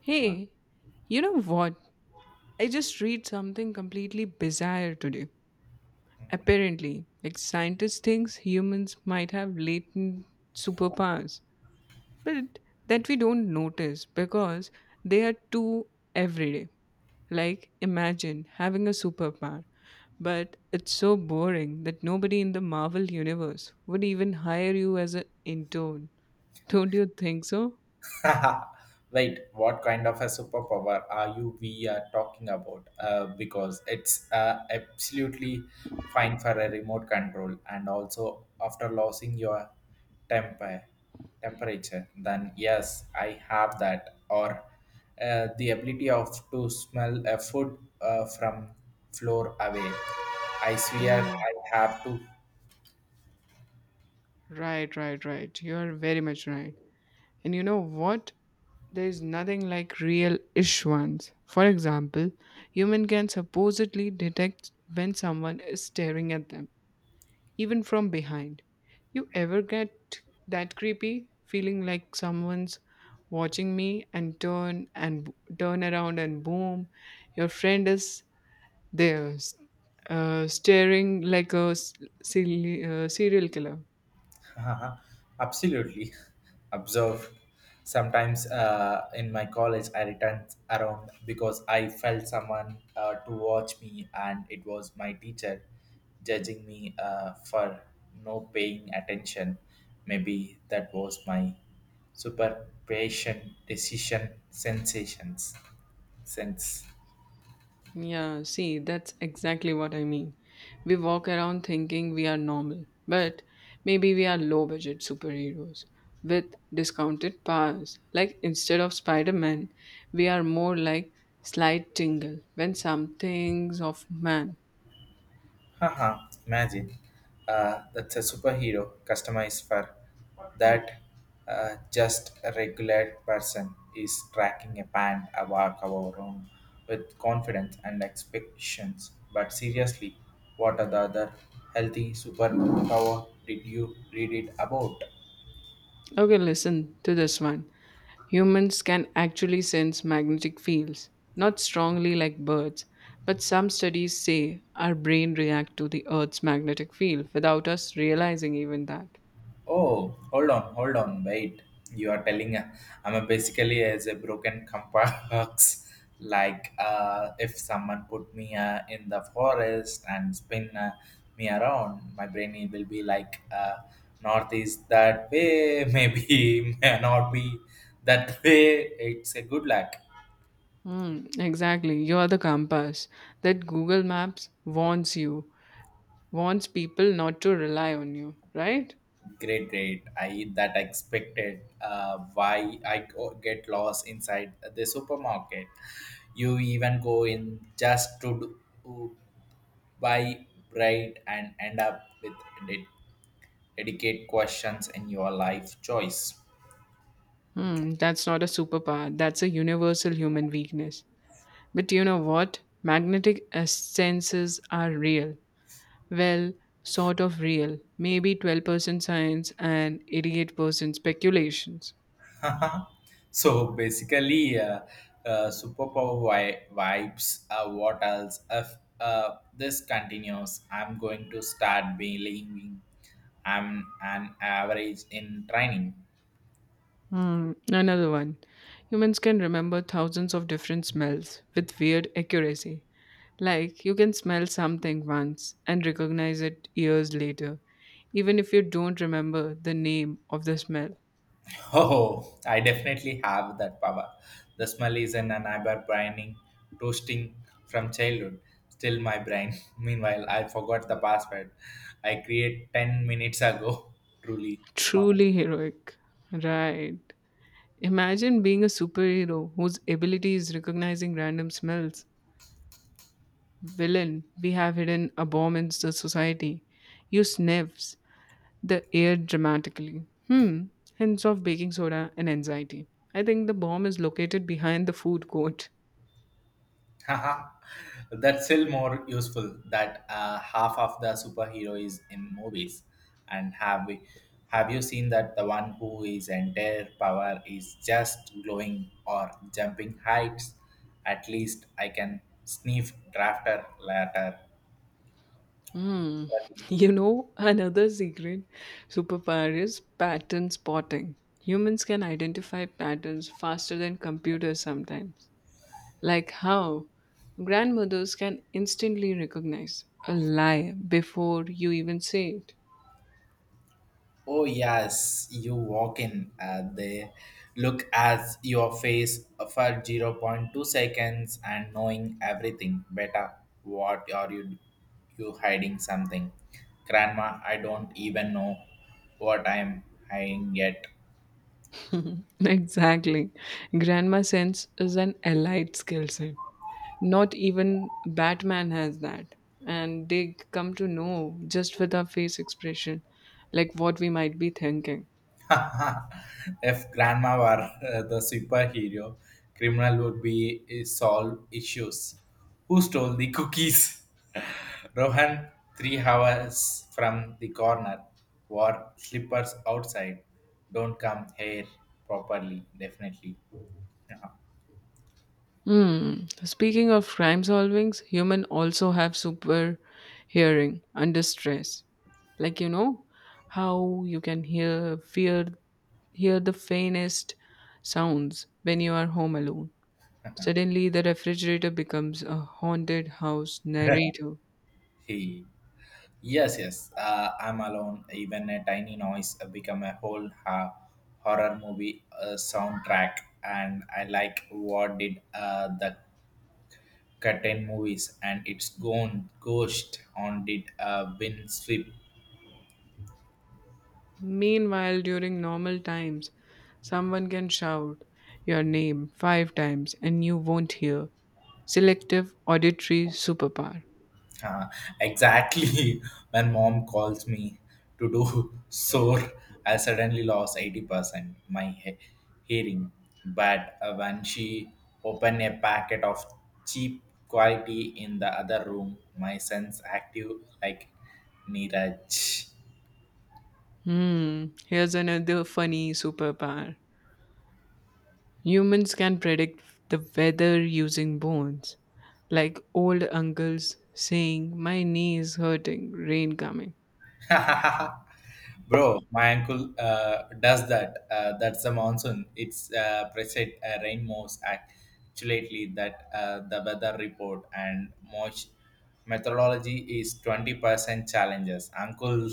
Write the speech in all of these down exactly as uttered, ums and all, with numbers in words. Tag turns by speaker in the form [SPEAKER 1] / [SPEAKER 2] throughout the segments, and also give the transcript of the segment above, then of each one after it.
[SPEAKER 1] Hey, you know what? I just read something completely bizarre today. Apparently, like scientists thinks humans might have latent superpowers, but that we don't notice because they are too everyday. Like imagine having a superpower, but it's so boring that nobody in the Marvel universe would even hire you as an intern. Don't you think so?
[SPEAKER 2] Wait, what kind of a superpower are you we are talking about? Uh, because it's uh, absolutely fine for a remote control, and also after losing your temper temperature, then yes, I have that. Or uh, the ability of to smell a food uh, from floor away. I swear
[SPEAKER 1] Mm.
[SPEAKER 2] I have to.
[SPEAKER 1] Right, right, right. You're very much right. And you know what? There is nothing like real ish ones. For example, human can supposedly detect when someone is staring at them, even from behind. You ever get that creepy feeling like someone's watching me and turn and turn around and boom, your friend is there, s- uh, staring like a s- silly, uh, serial killer.
[SPEAKER 2] Absolutely. Observe. Sometimes uh, in my college, I returned around because I felt someone uh, to watch me, and it was my teacher judging me uh, for no paying attention. Maybe that was my super patient decision sensations sense.
[SPEAKER 1] Yeah, see, that's exactly what I mean. We walk around thinking we are normal, but maybe we are low budget superheroes with discounted powers. Like instead of Spider Man, we are more like Slight Tingle when something's of man.
[SPEAKER 2] Haha, imagine. Uh, that's a superhero customized for that uh, just a regular person is tracking a band a walk our own with confidence and expectations. But seriously, what are the other healthy superpower did you read it about?
[SPEAKER 1] Okay, listen to this one. Humans can actually sense magnetic fields, not strongly like birds, but some studies say our brain react to the earth's magnetic field without us realizing even that.
[SPEAKER 2] Oh, hold on, hold on, wait. You are telling uh, I'm a basically as a broken compass. like uh, if someone put me uh, in the forest and spin uh, me around, my brain it will be like uh, north is that way, maybe may not be that way. It's a good luck.
[SPEAKER 1] Hmm, exactly. You are the compass that Google Maps warns you, warns people not to rely on you, right?
[SPEAKER 2] Great, great. I that I expected. Uh, why I go- get lost inside the supermarket? You even go in just to do, to buy bread and end up with ded- dedicate questions in your life choice.
[SPEAKER 1] Hmm, that's not a superpower. That's a universal human weakness. But you know what? Magnetic essences are real. Well, sort of real. Maybe twelve percent science and eighty-eight percent speculations.
[SPEAKER 2] Haha. so basically, uh, uh, superpower vi- vibes. Uh, what else? If uh, this continues, I'm going to start believing I'm an average in training.
[SPEAKER 1] Hmm, another one. Humans can remember thousands of different smells with weird accuracy. Like, you can smell something once and recognize it years later, even if you don't remember the name of the smell.
[SPEAKER 2] Oh, I definitely have that power. The smell is in an eyebrow braining, toasting from childhood. Still my brain. Meanwhile, I forgot the password I create 10 minutes ago. Truly,
[SPEAKER 1] Truly heroic. Right. Imagine being a superhero whose ability is recognizing random smells. Villain, we have hidden a bomb in the society. You sniffs the air dramatically. Hmm, hints of baking soda and anxiety. I think the bomb is located behind the food court.
[SPEAKER 2] that's still more useful that uh, half of the superhero is in movies. And have we have you seen that the one who is entire power is just glowing or jumping heights? At least I can sniff drafter later.
[SPEAKER 1] Hmm. You know, another secret superpower is pattern spotting. Humans can identify patterns faster than computers sometimes. Like how grandmothers can instantly recognize a lie before you even say it.
[SPEAKER 2] Oh, yes, you walk in, uh, they look at your face for zero point 0.2 seconds and knowing everything better. What are you, you hiding something? Grandma, I don't even know what I'm hiding yet.
[SPEAKER 1] Exactly. Grandma sense is an allied skill set. Not even Batman has that. And they come to know just with our face expression, like what we might be thinking.
[SPEAKER 2] if grandma were uh, the superhero, criminal would be uh, solve issues. Who stole the cookies? Rohan, three hours from the corner, wore slippers outside. Don't come here properly, definitely. Yeah.
[SPEAKER 1] Hmm. Speaking of crime solvings, human also have super hearing under stress. Like you know how you can hear fear hear the faintest sounds when you are home alone. Suddenly, the refrigerator becomes a haunted house narrator.
[SPEAKER 2] He, yes, yes. Uh, I'm alone. Even a tiny noise become a whole ha- horror movie uh, soundtrack. And I like what did uh, the curtain movies and its gone ghost on did uh, win sweep.
[SPEAKER 1] Meanwhile, during normal times, someone can shout your name five times and you won't hear. Selective auditory superpower.
[SPEAKER 2] Uh, exactly. When mom calls me to do sore, I suddenly lost eighty percent my he- hearing. But uh, when she opened a packet of cheap quality in the other room, my sense active like Neeraj.
[SPEAKER 1] Hmm, here's another funny superpower. Humans can predict the weather using bones, like old uncles saying, "My knee is hurting, rain coming."
[SPEAKER 2] Bro, my uncle uh, does that. Uh, that's the monsoon. It's uh, present uh, rain most accurately that uh, the weather report and most methodology is twenty percent challenges. Uncle,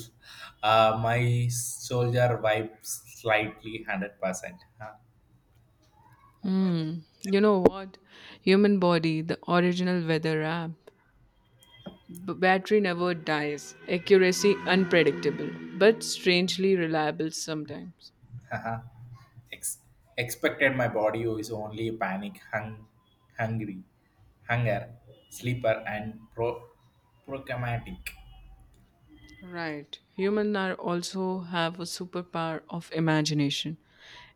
[SPEAKER 2] uh, my soldier vibes slightly one hundred percent.
[SPEAKER 1] Hmm. You know what? Human body, the original weather app. B- battery never dies. Accuracy unpredictable, but strangely reliable sometimes.
[SPEAKER 2] Huh? Ex- Expected my body is only panic, hung- hungry, hunger, sleeper and pro- procramatic.
[SPEAKER 1] Right. Human are also have a superpower of imagination.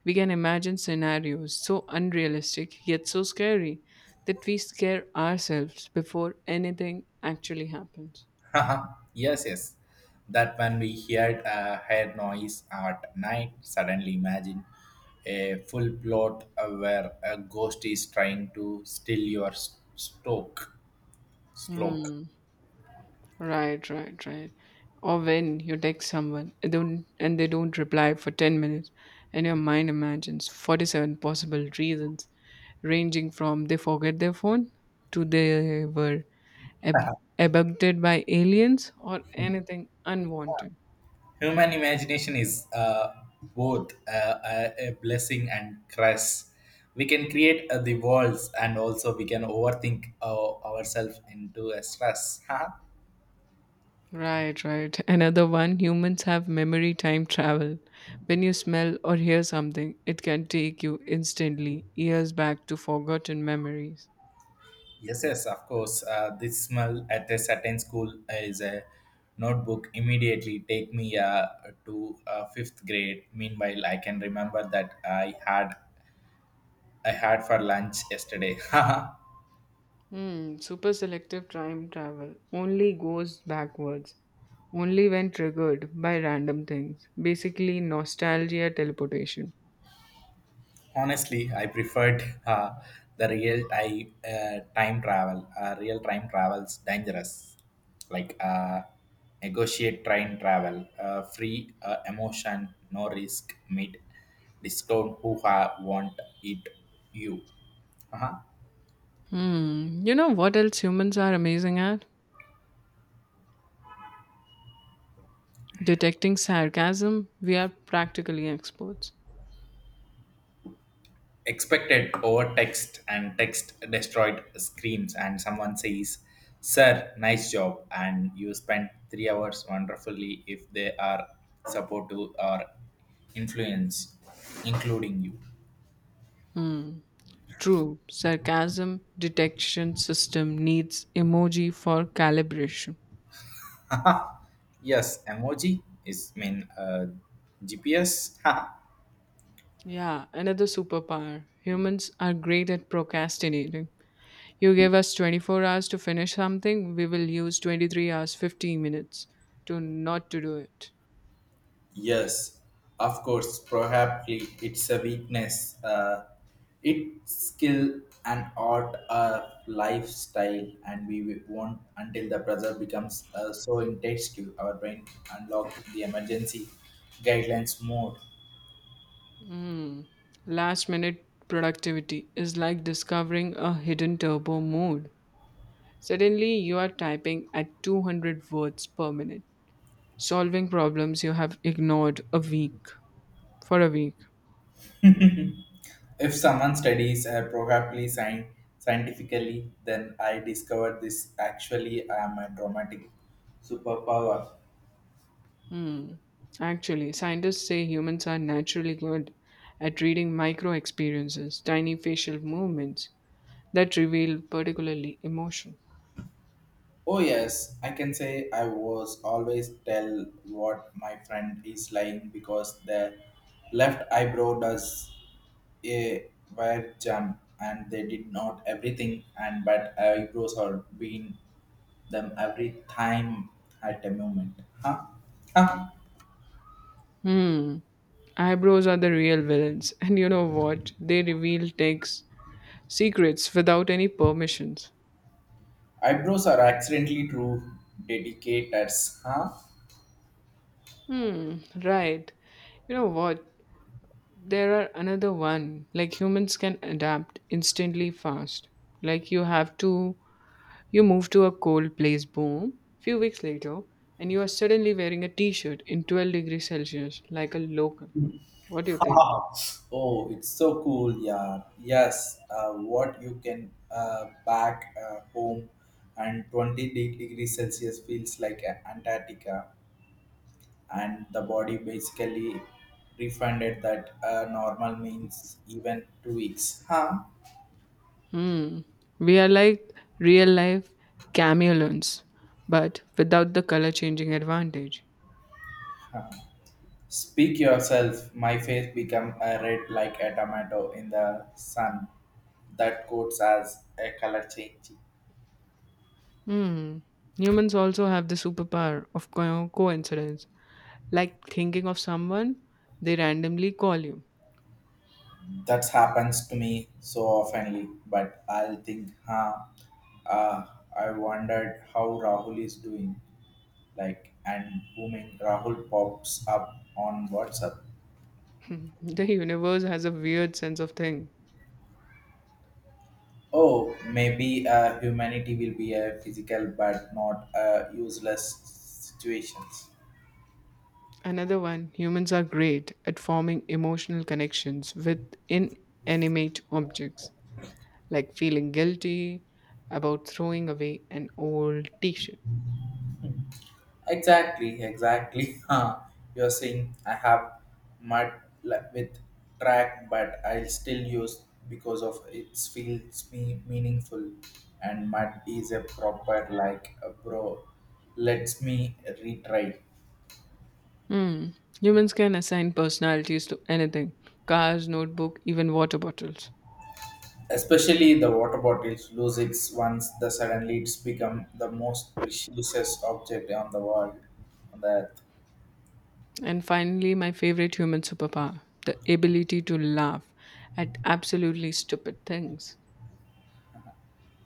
[SPEAKER 1] We can imagine scenarios so unrealistic yet so scary that we scare ourselves before anything actually happens.
[SPEAKER 2] Yes, yes. That when we heard a head noise at night, suddenly imagine a full plot uh, where a ghost is trying to steal your s- stoke. Sloke.
[SPEAKER 1] Hmm. Right, right, right. Or when you text someone and don't and they don't reply for ten minutes and your mind imagines forty-seven possible reasons ranging from they forget their phone to they were ab- abducted by aliens or anything unwanted.
[SPEAKER 2] Human imagination is uh, both uh, a, a blessing and curse. We can create uh, the worlds and also we can overthink uh, ourselves into a stress.
[SPEAKER 1] Right, right. Another one, humans have memory time travel. When you smell or hear something, it can take you instantly years back to forgotten memories.
[SPEAKER 2] Yes, yes, of course. Uh, this smell at a certain school is a notebook. Immediately take me uh, to uh, fifth grade. Meanwhile, I can remember that I had I had for lunch yesterday.
[SPEAKER 1] Hmm, super selective time travel only goes backwards, only when triggered by random things. Basically, nostalgia teleportation.
[SPEAKER 2] Honestly, I preferred uh, the real I, uh, time travel uh, real time travels dangerous like uh, negotiate train travel uh, free uh, emotion no risk meet discount who ha- want it you uh-huh.
[SPEAKER 1] Hmm, you know what else humans are amazing at? Detecting sarcasm. We are practically experts.
[SPEAKER 2] Expected over text and text destroyed screens and someone says sir nice job and you spend three hours wonderfully if they are supportive or influence including you.
[SPEAKER 1] Hmm, true. Sarcasm detection system needs emoji for calibration.
[SPEAKER 2] Yes, emoji is mean uh, gps.
[SPEAKER 1] Yeah, another superpower. Humans are great at procrastinating. You give us twenty-four hours to finish something, we will use twenty-three hours fifteen minutes to not to do it.
[SPEAKER 2] Yes, of course, probably it's a weakness. Uh, it's skill and art, a lifestyle, and we won't until the pressure becomes uh, so intense to our brain unlock the emergency guidelines more.
[SPEAKER 1] Hmm. Last minute productivity is like discovering a hidden turbo mode. Suddenly you are typing at two hundred words per minute, solving problems you have ignored a week for a week.
[SPEAKER 2] If someone studies uh, probably sci- scientifically, then I discovered this actually I am a dramatic superpower.
[SPEAKER 1] Hmm. Actually, scientists say humans are naturally good at reading micro experiences, tiny facial movements that reveal particularly emotion.
[SPEAKER 2] Oh yes, I can say I was always tell what my friend is lying because the left eyebrow does a wire jump and they did not everything and but eyebrows are being them every time at a moment. Huh? Huh?
[SPEAKER 1] Hmm. Eyebrows are the real villains, and you know what? They reveal takes secrets without any permissions.
[SPEAKER 2] Eyebrows are accidentally true dedicators, huh?
[SPEAKER 1] Hmm, right. You know what? There are another one. Like humans can adapt instantly fast. Like you have to You move to a cold place, boom, few weeks later, and you are suddenly wearing a t shirt in twelve degrees Celsius like a local. What do you think?
[SPEAKER 2] Oh, it's so cool, yeah. Yes, uh, what you can uh, back uh, home and twenty de- degrees Celsius feels like a- Antarctica, and the body basically refunded that uh, normal means even two weeks. Huh?
[SPEAKER 1] Hmm. We are like real life chameleons, but without the color changing advantage.
[SPEAKER 2] Huh. Speak yourself. My face become uh, red like a tomato in the sun. That codes as a color change.
[SPEAKER 1] Hmm. Humans also have the superpower of co- coincidence, like thinking of someone, they randomly call you.
[SPEAKER 2] That happens to me so oftenly, but I'll think, huh, uh, I wondered how Rahul is doing. Like, and booming, Rahul pops up on WhatsApp.
[SPEAKER 1] The universe has a weird sense of thing.
[SPEAKER 2] Oh, maybe uh, humanity will be a physical but not a useless situations.
[SPEAKER 1] Another one, humans are great at forming emotional connections with inanimate objects, like feeling guilty about throwing away an old t shirt.
[SPEAKER 2] Exactly, exactly. Huh. You're saying I have mud li- with track, but I'll still use because of it feels me meaningful, and mud is a proper like a bro. Let's me retry.
[SPEAKER 1] Hmm. Humans can assign personalities to anything, cars, notebook, even water bottles.
[SPEAKER 2] Especially the water bottles lose its once the suddenly it's become the most precious object on the world on the earth.
[SPEAKER 1] And finally, my favorite human superpower, the ability to laugh at absolutely stupid things.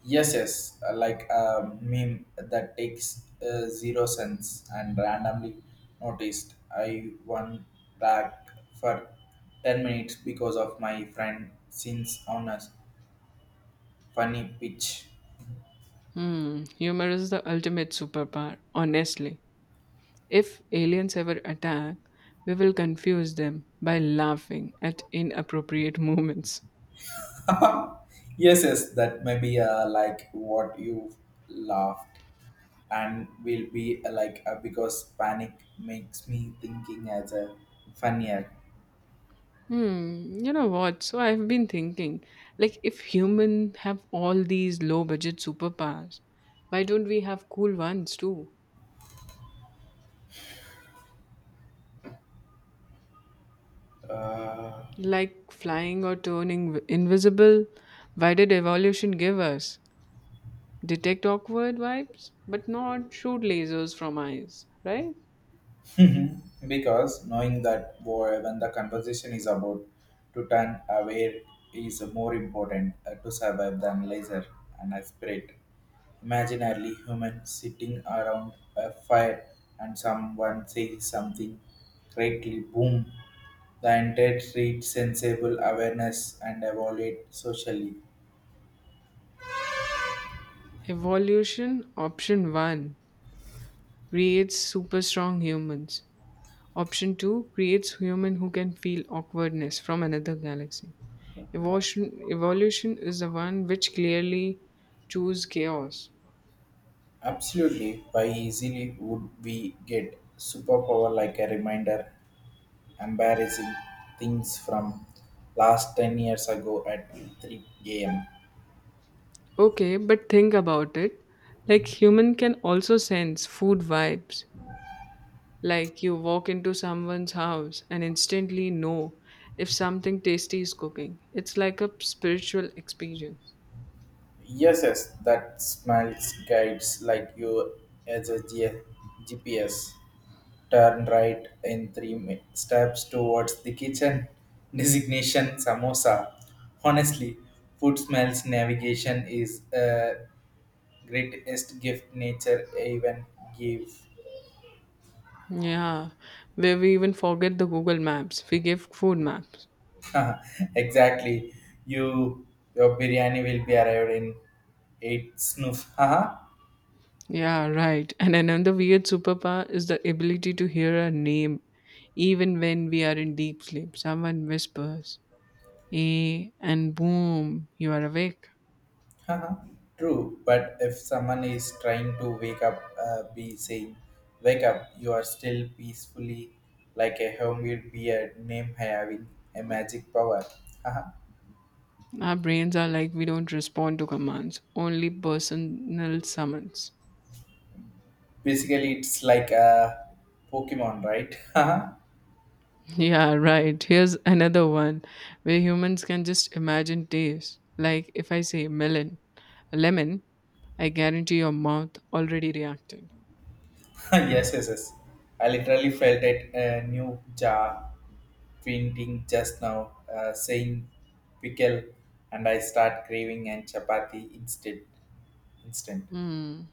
[SPEAKER 2] Yes, yes, uh, like a meme that takes uh, zero cents and randomly noticed. I won back for ten minutes because of my friend sins on a funny pitch.
[SPEAKER 1] Hmm. Humor is the ultimate superpower, honestly. If aliens ever attack, we will confuse them by laughing at inappropriate moments.
[SPEAKER 2] Yes, yes, that may be uh, like what you laughed and will be uh, like uh, because panic makes me thinking as a funny act.
[SPEAKER 1] Hmm, you know what? So I've been thinking, like, if humans have all these low budget superpowers, why don't we have cool ones too?
[SPEAKER 2] Uh,
[SPEAKER 1] Like flying or turning v- invisible? Why did evolution give us? Detect awkward vibes, but not shoot lasers from eyes, right?
[SPEAKER 2] Mhm. Because knowing that wh- when the conversation is about to turn away is more important uh, to survive than laser and a spirit. Imagine early human sitting around a fire and someone says something greatly boom. The entire street sensible awareness and evaluate socially.
[SPEAKER 1] Evolution option one creates super strong humans. Option two creates human who can feel awkwardness from another galaxy. Evolution, evolution is the one which clearly choose chaos.
[SPEAKER 2] Absolutely. Why easily would we get superpower like a reminder, embarrassing things from last ten years ago at three a m.
[SPEAKER 1] Okay, but think about it. Like human can also sense food vibes. Like you walk into someone's house and instantly know if something tasty is cooking. It's like a spiritual experience.
[SPEAKER 2] Yes, yes, that smells guides like you as a G- GPS. Turn right in three mi- steps towards the kitchen. Designation samosa. Honestly, food smells navigation is uh, greatest gift nature even gave.
[SPEAKER 1] Yeah, where we even forget the Google Maps. We give food maps.
[SPEAKER 2] Exactly. You your biryani will be arrived in eight snoof. Haha.
[SPEAKER 1] Yeah, right. And another weird superpower is the ability to hear a name even when we are in deep sleep. Someone whispers, eh, and boom, you are awake.
[SPEAKER 2] Haha. True, but if someone is trying to wake up, uh, be saying, "Wake up! You are still peacefully like a homemade beer name having a magic power." Haha.
[SPEAKER 1] Our brains are like, we don't respond to commands, only personal summons.
[SPEAKER 2] Basically, it's like a Pokemon, right? Haha.
[SPEAKER 1] Yeah, right. Here's another one where humans can just imagine taste. Like if I say melon, lemon, I guarantee your mouth already reacted.
[SPEAKER 2] Yes, yes, yes. I literally felt it a new jar fainting just now, uh, saying pickle, and I start craving and chapati instead. Instant.
[SPEAKER 1] Hmm.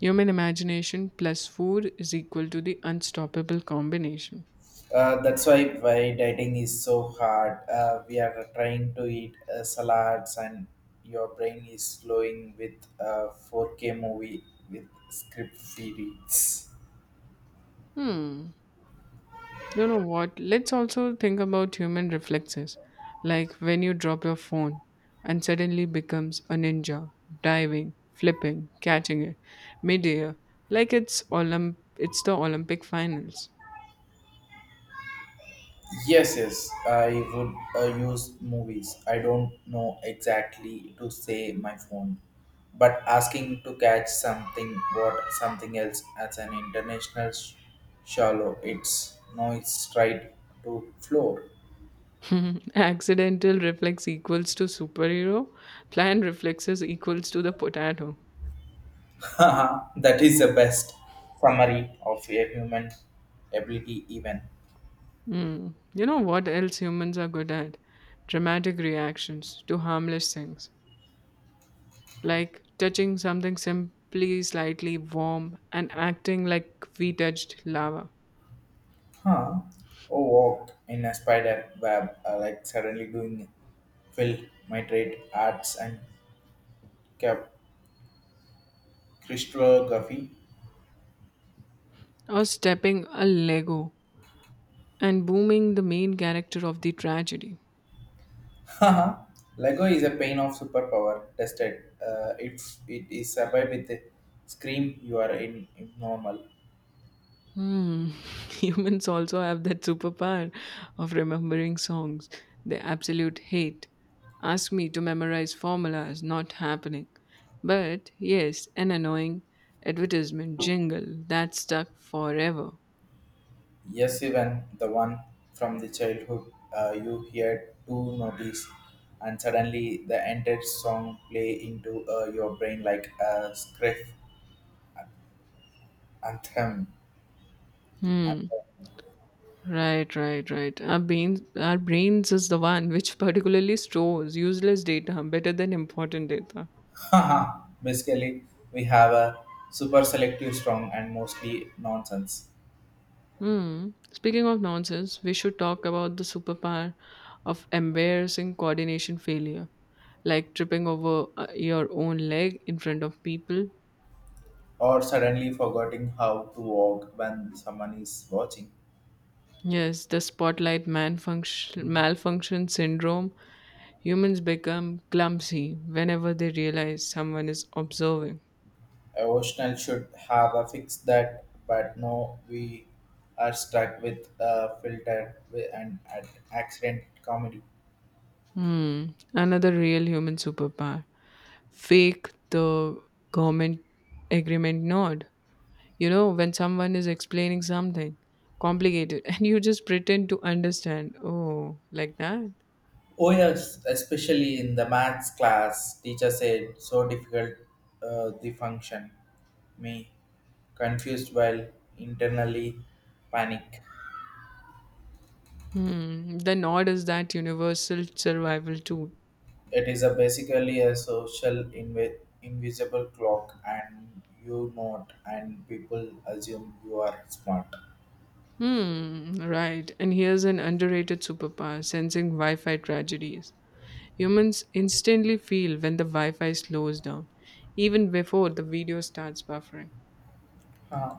[SPEAKER 1] Human imagination plus food is equal to the unstoppable combination.
[SPEAKER 2] Uh, that's why why dieting is so hard. Uh, we are trying to eat uh, salads, and your brain is slowing with uh, four K movie with script feeds.
[SPEAKER 1] Hmm. You know what? Let's also think about human reflexes. Like when you drop your phone and suddenly becomes a ninja, diving, flipping, catching it, midair, like it's Olymp- it's the Olympic finals.
[SPEAKER 2] Yes, yes, I would uh, use movies. I don't know exactly to say my phone, but asking to catch something what something else as an international sh- shallow. It's no, it's tried to floor.
[SPEAKER 1] Accidental reflex equals to superhero, planned reflexes equals to the potato.
[SPEAKER 2] That is the best summary of a human ability, even.
[SPEAKER 1] Mm. You know what else humans are good at? Dramatic reactions to harmless things, like touching something simply slightly warm and acting like we touched lava,
[SPEAKER 2] Huh? Oh, walk in a spider web, uh, like suddenly doing fill my trade arts and cap Crystography.
[SPEAKER 1] or stepping a Lego and booming the main character of the tragedy.
[SPEAKER 2] Haha, Lego is a pain of superpower tested. Uh, if it is survived with the scream, you are in, in normal.
[SPEAKER 1] Hmm. Humans also have that superpower of remembering songs they absolute hate. Ask me to memorize formulas, not happening. But yes, an annoying advertisement jingle that stuck forever.
[SPEAKER 2] Yes, even the one from the childhood uh, you hear two notice, and suddenly the entire song play into uh, your brain like a script anthem.
[SPEAKER 1] Hmm. Right, right, right. Our brains, our brains is the one which particularly stores useless data better than important data.
[SPEAKER 2] Haha, basically we have a super selective song and mostly nonsense.
[SPEAKER 1] Hmm. Speaking of nonsense, we should talk about the superpower of embarrassing coordination failure, like tripping over uh, your own leg in front of people.
[SPEAKER 2] Or suddenly forgetting how to walk when someone is watching.
[SPEAKER 1] Yes, the spotlight malfunction, malfunction syndrome. Humans become clumsy whenever they realize someone is observing.
[SPEAKER 2] Emotional should have a fix that, but no, we are stuck with a filter wi- and at accident comedy.
[SPEAKER 1] Hmm. Another real human superpower. Fake the government agreement nod. You know, when someone is explaining something complicated and you just pretend to understand, oh, like that?
[SPEAKER 2] Oh yes, especially in the maths class, teacher said so difficult uh, the function. Me confused while internally panic.
[SPEAKER 1] Hmm, the nod is that universal survival tool.
[SPEAKER 2] It is a basically a social inv- invisible clock, and you know it, and people assume you are smart.
[SPEAKER 1] Hmm, right. And here's an underrated superpower, sensing Wi Fi tragedies. Humans instantly feel when the Wi Fi slows down, even before the video starts buffering.
[SPEAKER 2] Uh,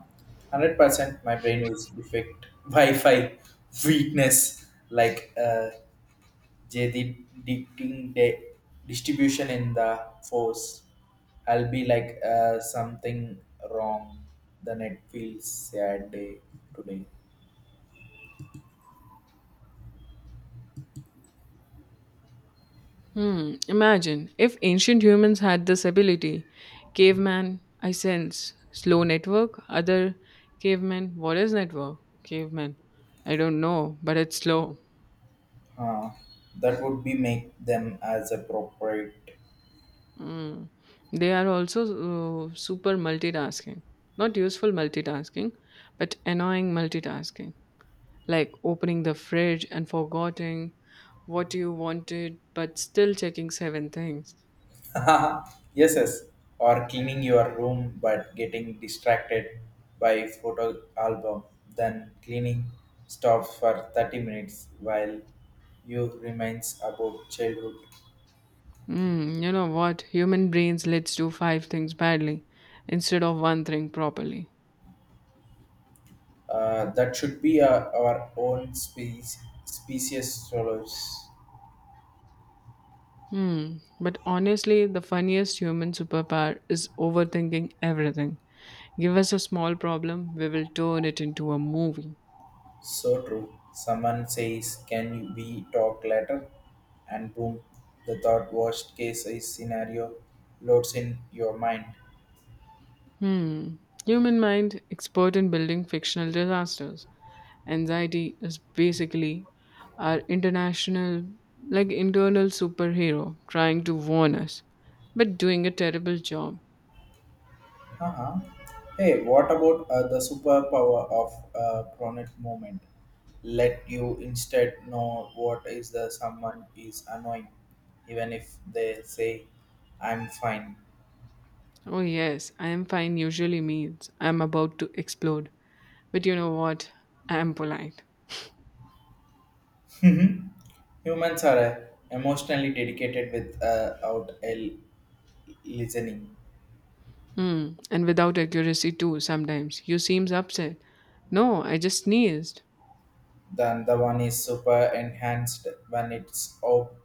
[SPEAKER 2] one Hundred percent, my brain is defect Wi-Fi weakness, like uh, J D dicting de- distribution in the force. I'll be like uh, something wrong. The net feels sad day today.
[SPEAKER 1] Hmm, imagine if ancient humans had this ability. Caveman, I sense. Slow network. Other caveman, what is network? Caveman, I don't know, but it's slow.
[SPEAKER 2] Huh. That would be make them as appropriate.
[SPEAKER 1] Hmm. They are also uh, super multitasking. Not useful multitasking, but annoying multitasking. Like opening the fridge and forgetting what you wanted, but still checking seven things.
[SPEAKER 2] Yes, yes. Or cleaning your room but getting distracted by photo album, then cleaning stops for thirty minutes while you remains about childhood.
[SPEAKER 1] Mm, you know what? Human brains let's do five things badly instead of one thing properly.
[SPEAKER 2] Uh, that should be uh, our own species, species solace.
[SPEAKER 1] Hmm. But honestly, the funniest human superpower is overthinking everything. Give us a small problem, we will turn it into a movie.
[SPEAKER 2] So true. Someone says, "Can we talk later?" And boom, the thought worst case is scenario loads in your mind.
[SPEAKER 1] Hmm. Human mind expert in building fictional disasters. Anxiety is basically our international, like internal superhero trying to warn us, but doing a terrible job.
[SPEAKER 2] Uh-huh. Hey, what about uh, the superpower of uh, chronic moment? Let you instead know what is the someone is annoying, even if they say, "I'm fine."
[SPEAKER 1] Oh, yes, I am fine usually means I am about to explode. But you know what? I am polite.
[SPEAKER 2] Humans are uh, emotionally dedicated without a listening.
[SPEAKER 1] Hmm, and without accuracy too, sometimes. You seems upset. No, I just sneezed.
[SPEAKER 2] Then the one is super enhanced when it's ob-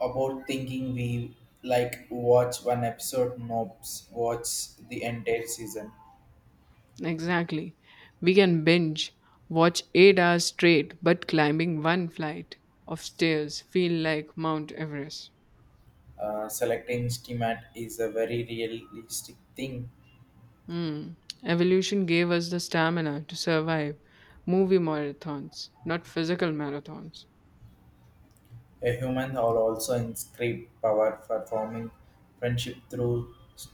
[SPEAKER 2] about thinking. We like watch one episode, nope, watch the entire season.
[SPEAKER 1] Exactly. We can binge, watch eight hours straight, but climbing one flight of stairs feel like Mount Everest.
[SPEAKER 2] Uh, selecting schemat is a very realistic thing.
[SPEAKER 1] Hmm. Evolution gave us the stamina to survive movie marathons, not physical marathons.
[SPEAKER 2] A human will also inscribe power for forming friendship through s-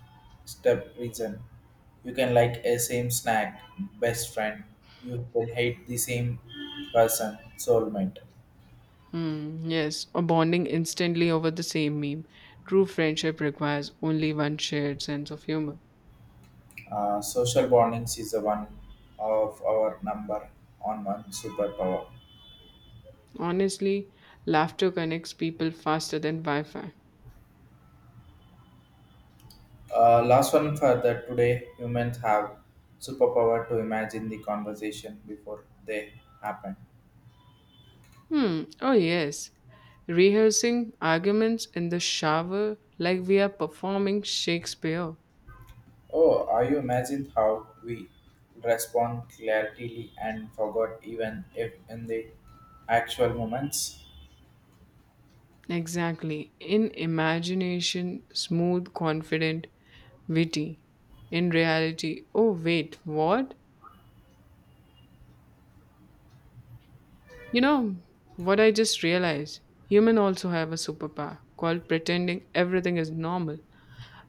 [SPEAKER 2] step reason. You can like a same snack, best friend. You can hate the same person, soulmate.
[SPEAKER 1] Mm, yes, or bonding instantly over the same meme. True friendship requires only one shared sense of humor.
[SPEAKER 2] Uh, social bondings is the one of our number on one superpower.
[SPEAKER 1] Honestly, laughter connects people faster than Wi Fi.
[SPEAKER 2] Uh, last one for that today humans have superpower to imagine the conversation before they happen.
[SPEAKER 1] Hmm, oh yes. Rehearsing arguments in the shower like we are performing Shakespeare.
[SPEAKER 2] Oh, are you imagine how we respond clarity and forgot even if in the actual moments?
[SPEAKER 1] Exactly. In imagination, smooth, confident, witty. In reality, oh wait, what? You know what I just realized? Humans also have a superpower called pretending everything is normal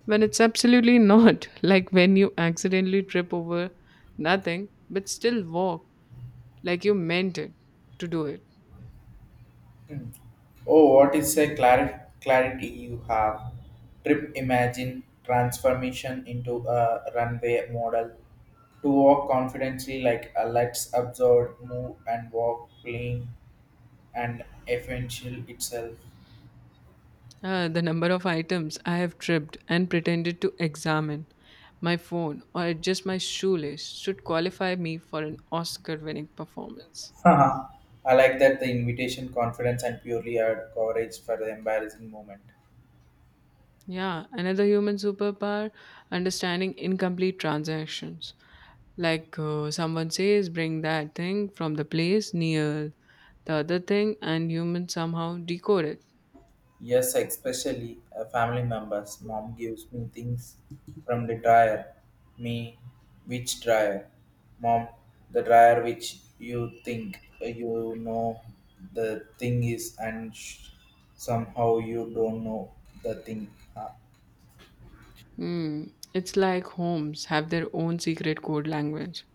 [SPEAKER 1] when it's absolutely not. Like when you accidentally trip over nothing but still walk like you meant it to do it.
[SPEAKER 2] Hmm. Oh, what is a clar- clarity you have? Trip imagine transformation into a runway model to walk confidently like a let's absorb, move and walk clean and essential itself.
[SPEAKER 1] Uh, the number of items I have tripped and pretended to examine my phone or adjust my shoelace should qualify me for an Oscar winning performance.
[SPEAKER 2] Haha. I like that the invitation, confidence, and purely add courage for the embarrassing moment.
[SPEAKER 1] Yeah, another human superpower, understanding incomplete transactions. Like uh, someone says, bring that thing from the place near the other thing, and humans somehow decode it.
[SPEAKER 2] Yes, especially uh, family members. Mom gives me things from the dryer. Me, which dryer? Mom, the dryer which you think uh, you know the thing is, and sh- somehow you don't know the thing. Huh?
[SPEAKER 1] Hmm. It's like homes have their own secret code language.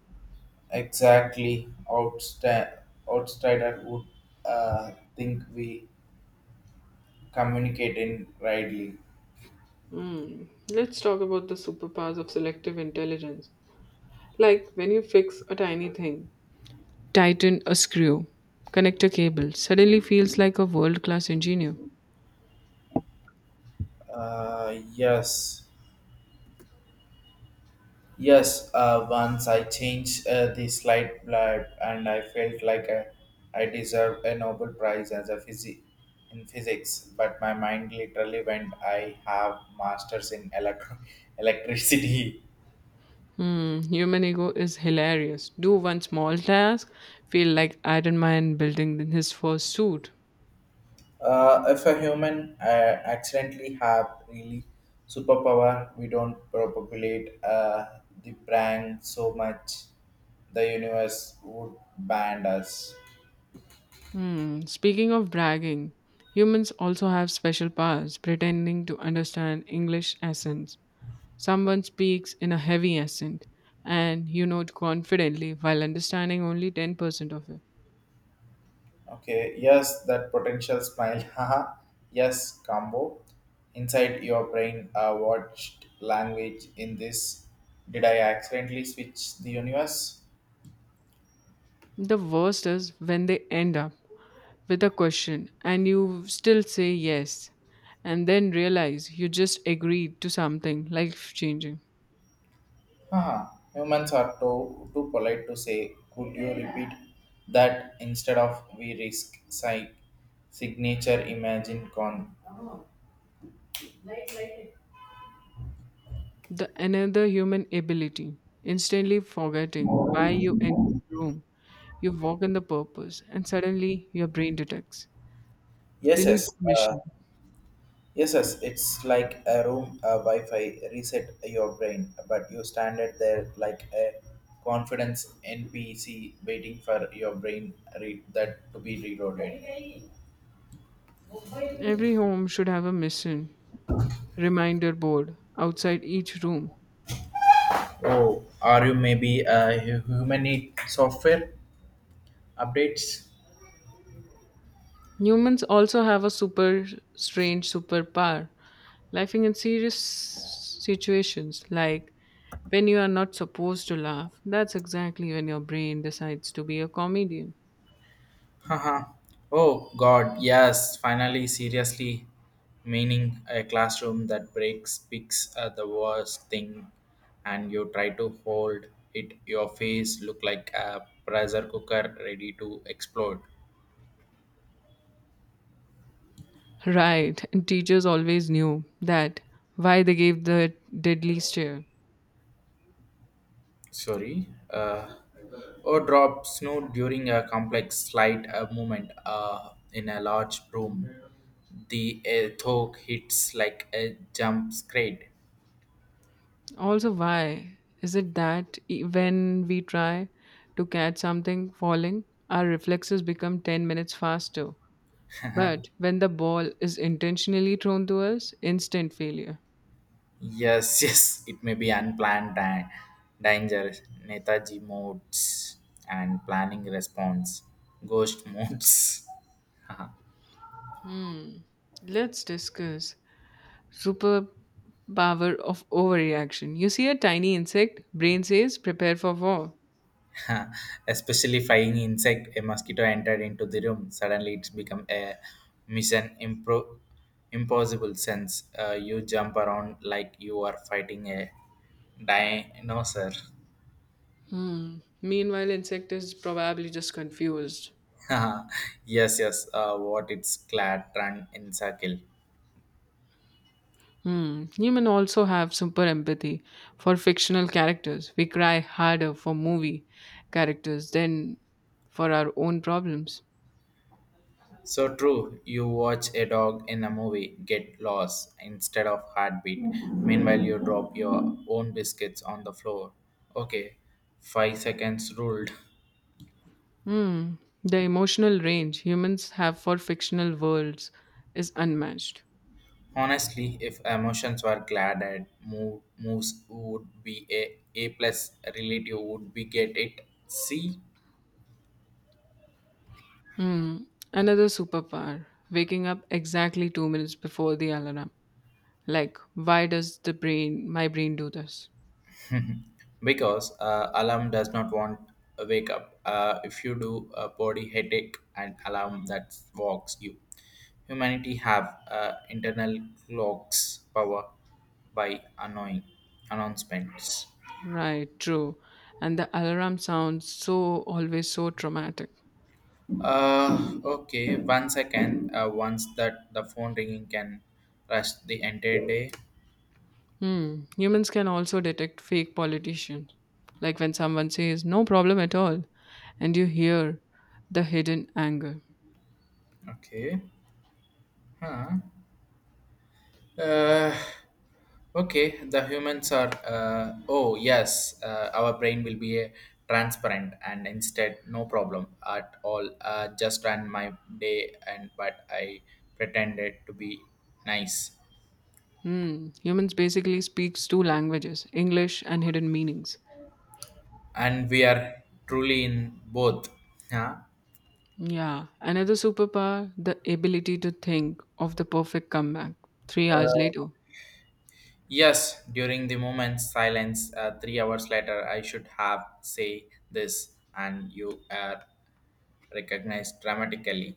[SPEAKER 2] Exactly. Outsta- outsider would uh, think we communicate in rightly.
[SPEAKER 1] Hmm. Let's talk about the superpowers of selective intelligence. Like when you fix a tiny thing, tighten a screw, connect a cable, suddenly feels like a world class engineer.
[SPEAKER 2] Uh, yes. Yes, uh, once I changed uh, the slide blab and I felt like I, I deserve a Nobel Prize as a physi- in physics, but my mind literally went, I have masters in electro- electricity.
[SPEAKER 1] Hmm, human ego is hilarious. Do one small task, feel like Iron Man building in his first suit.
[SPEAKER 2] Uh, if a human uh, accidentally have really superpower, we don't propagate uh, the brand so much, the universe would ban us.
[SPEAKER 1] Hmm, speaking of bragging, humans also have special powers pretending to understand English accents. Someone speaks in a heavy accent and you know it confidently while understanding only ten percent of it.
[SPEAKER 2] Okay, yes, that potential smile, haha, yes, combo. Inside your brain, uh, watched language in this. Did I accidentally switch the universe?
[SPEAKER 1] The worst is when they end up with a question and you still say yes, and then realize you just agreed to something life changing.
[SPEAKER 2] Haha, humans are too, too polite to say, could you repeat that instead of we risk psych signature imagine con.
[SPEAKER 1] The another human ability, instantly forgetting why you enter the room. You walk in the purpose, and suddenly your brain detects,
[SPEAKER 2] Yes, yes,
[SPEAKER 1] deletes the
[SPEAKER 2] uh,
[SPEAKER 1] mission.
[SPEAKER 2] yes, yes, it's like a room a Wi-Fi reset your brain, but you stand it there like a confidence N P C waiting for your brain re- that to be reloaded.
[SPEAKER 1] Every home should have a mission reminder board outside each room.
[SPEAKER 2] Oh, are you maybe a hu- human need software updates.
[SPEAKER 1] Humans also have a super strange superpower laughing in serious situations, like when you are not supposed to laugh, that's exactly when your brain decides to be a comedian.
[SPEAKER 2] Haha. Oh God, yes! Finally, seriously, meaning a classroom that breaks picks uh, the worst thing, and you try to hold it. Your face look like a pressure cooker ready to explode.
[SPEAKER 1] Right, and teachers always knew that why they gave the deadly stare.
[SPEAKER 2] Sorry. Uh, or drop snow during a complex slide uh, movement uh, in a large room. The uh, thought hits like a jump scrape.
[SPEAKER 1] Also, why is it that e- when we try to catch something falling, our reflexes become ten minutes faster? But when the ball is intentionally thrown to us, instant failure.
[SPEAKER 2] Yes, yes, it may be unplanned and dangerous. Netaji modes and planning response, ghost modes.
[SPEAKER 1] Hmm. Let's discuss superpower of overreaction. You see a tiny insect, brain says, prepare for war.
[SPEAKER 2] Especially flying insect, a mosquito entered into the room. Suddenly, it's become a mission impro- impossible sense. Uh, you jump around like you are fighting a dinosaur.
[SPEAKER 1] Hmm. Meanwhile, insect is probably just confused.
[SPEAKER 2] Yes, yes. Uh, what it's clad run in circle.
[SPEAKER 1] Hmm. Human also have super empathy for fictional characters. We cry harder for movie characters than for our own problems.
[SPEAKER 2] So true, you watch a dog in a movie get lost instead of heartbeat. Meanwhile, you drop your own biscuits on the floor. Okay, five seconds ruled.
[SPEAKER 1] Hmm. The emotional range humans have for fictional worlds is unmatched.
[SPEAKER 2] Honestly, if emotions were glad at move, moves would be a A plus relative would be get it C
[SPEAKER 1] Hmm. Another superpower: waking up exactly two minutes before the alarm. Like, why does the brain, my brain, do this?
[SPEAKER 2] because uh, alarm does not want a wake up uh, if you do a body headache and alarm that walks you humanity have uh, internal clocks power by annoying announcements.
[SPEAKER 1] Right, true. And the alarm sounds so always so traumatic.
[SPEAKER 2] Uh, okay, one second, uh, once that the phone ringing can rush the entire day.
[SPEAKER 1] Hmm. Humans can also detect fake politicians. Like when someone says, no problem at all, and you hear the hidden anger.
[SPEAKER 2] Okay, huh. uh, Okay, the humans are. Uh, oh yes, uh, our brain will be a transparent and instead no problem at all. Uh, just ran my day and but I pretended to be nice,
[SPEAKER 1] Hmm. Humans basically speaks two languages, English and hidden meanings.
[SPEAKER 2] and we are truly in both. Huh?
[SPEAKER 1] Yeah. Another superpower, the ability to think of the perfect comeback three hours
[SPEAKER 2] Uh,
[SPEAKER 1] later.
[SPEAKER 2] yes, during the moment silence, uh, three hours later, I should have say this, and you are recognized dramatically.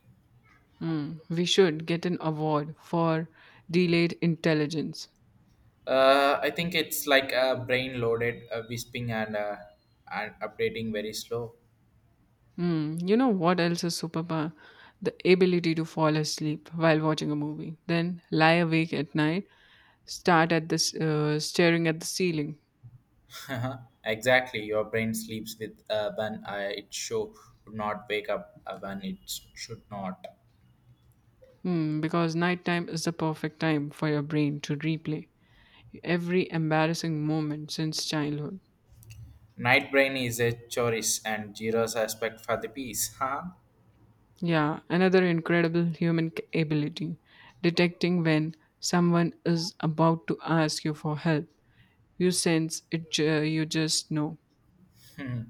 [SPEAKER 1] Mm, we should get an award for delayed intelligence.
[SPEAKER 2] Uh, I think it's like a brain loaded, uh, whispering and uh, and updating very slow.
[SPEAKER 1] Mm, you know what else is superpower? The ability to fall asleep while watching a movie, then lie awake at night, start at this uh, staring at the ceiling.
[SPEAKER 2] Exactly, your brain sleeps with uh, when uh, it show would not wake up uh, when it should not.
[SPEAKER 1] Mm, because nighttime is the perfect time for your brain to replay every embarrassing moment since childhood.
[SPEAKER 2] Night brain is a choice and Jiro's aspect for the peace, huh?
[SPEAKER 1] Yeah, another incredible human c- ability detecting when someone is about to ask you for help. You sense it, ju- you just know.
[SPEAKER 2] Hmm.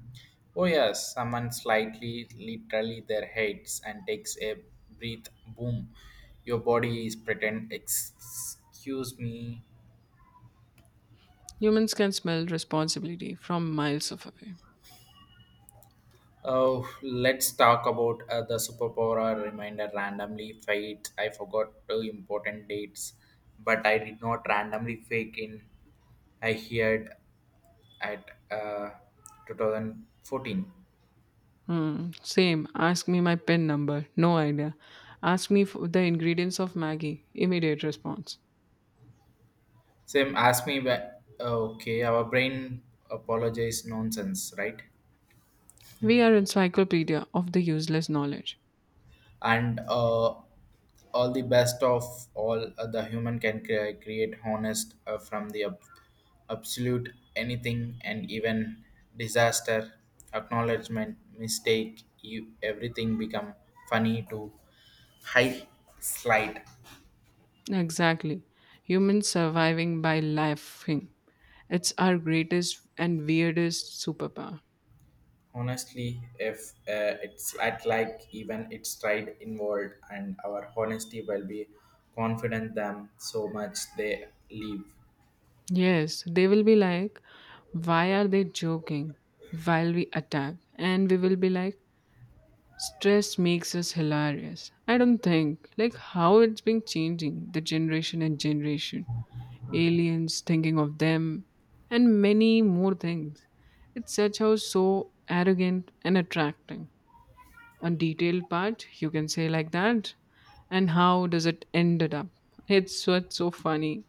[SPEAKER 2] Oh yes, someone slightly literally their heads and takes a breath. Boom, your body is pretend. Excuse me.
[SPEAKER 1] Humans can smell responsibility from miles of away.
[SPEAKER 2] Oh, let's talk about uh, the superpower or reminder randomly fate. I forgot two important dates, but I did not randomly fake in. I heard at uh, two thousand fourteen.
[SPEAKER 1] Hmm. Same. Ask me my pen number. No idea. Ask me for the ingredients of Maggie. Immediate response.
[SPEAKER 2] Sam asked me, wh- okay, our brain apologized nonsense, right?
[SPEAKER 1] We are encyclopedia of the useless knowledge.
[SPEAKER 2] and uh, all the best of all uh, the human can cre- create honest uh, from the ab- absolute anything and even disaster acknowledgement mistake you everything become funny to high slide
[SPEAKER 1] Exactly. Humans surviving by laughing. It's our greatest and weirdest superpower.
[SPEAKER 2] honestly if uh, it's at like even it's tried involved and our honesty will be confident them so much they leave
[SPEAKER 1] Yes, they will be like, why are they joking while we attack? And we will be like, stress makes us hilarious. I don't think like how it's been changing the generation and generation. Aliens thinking of them and many more things. It's such how so arrogant and attracting. On detailed part, you can say like that. And how does it ended up? It's what's so funny.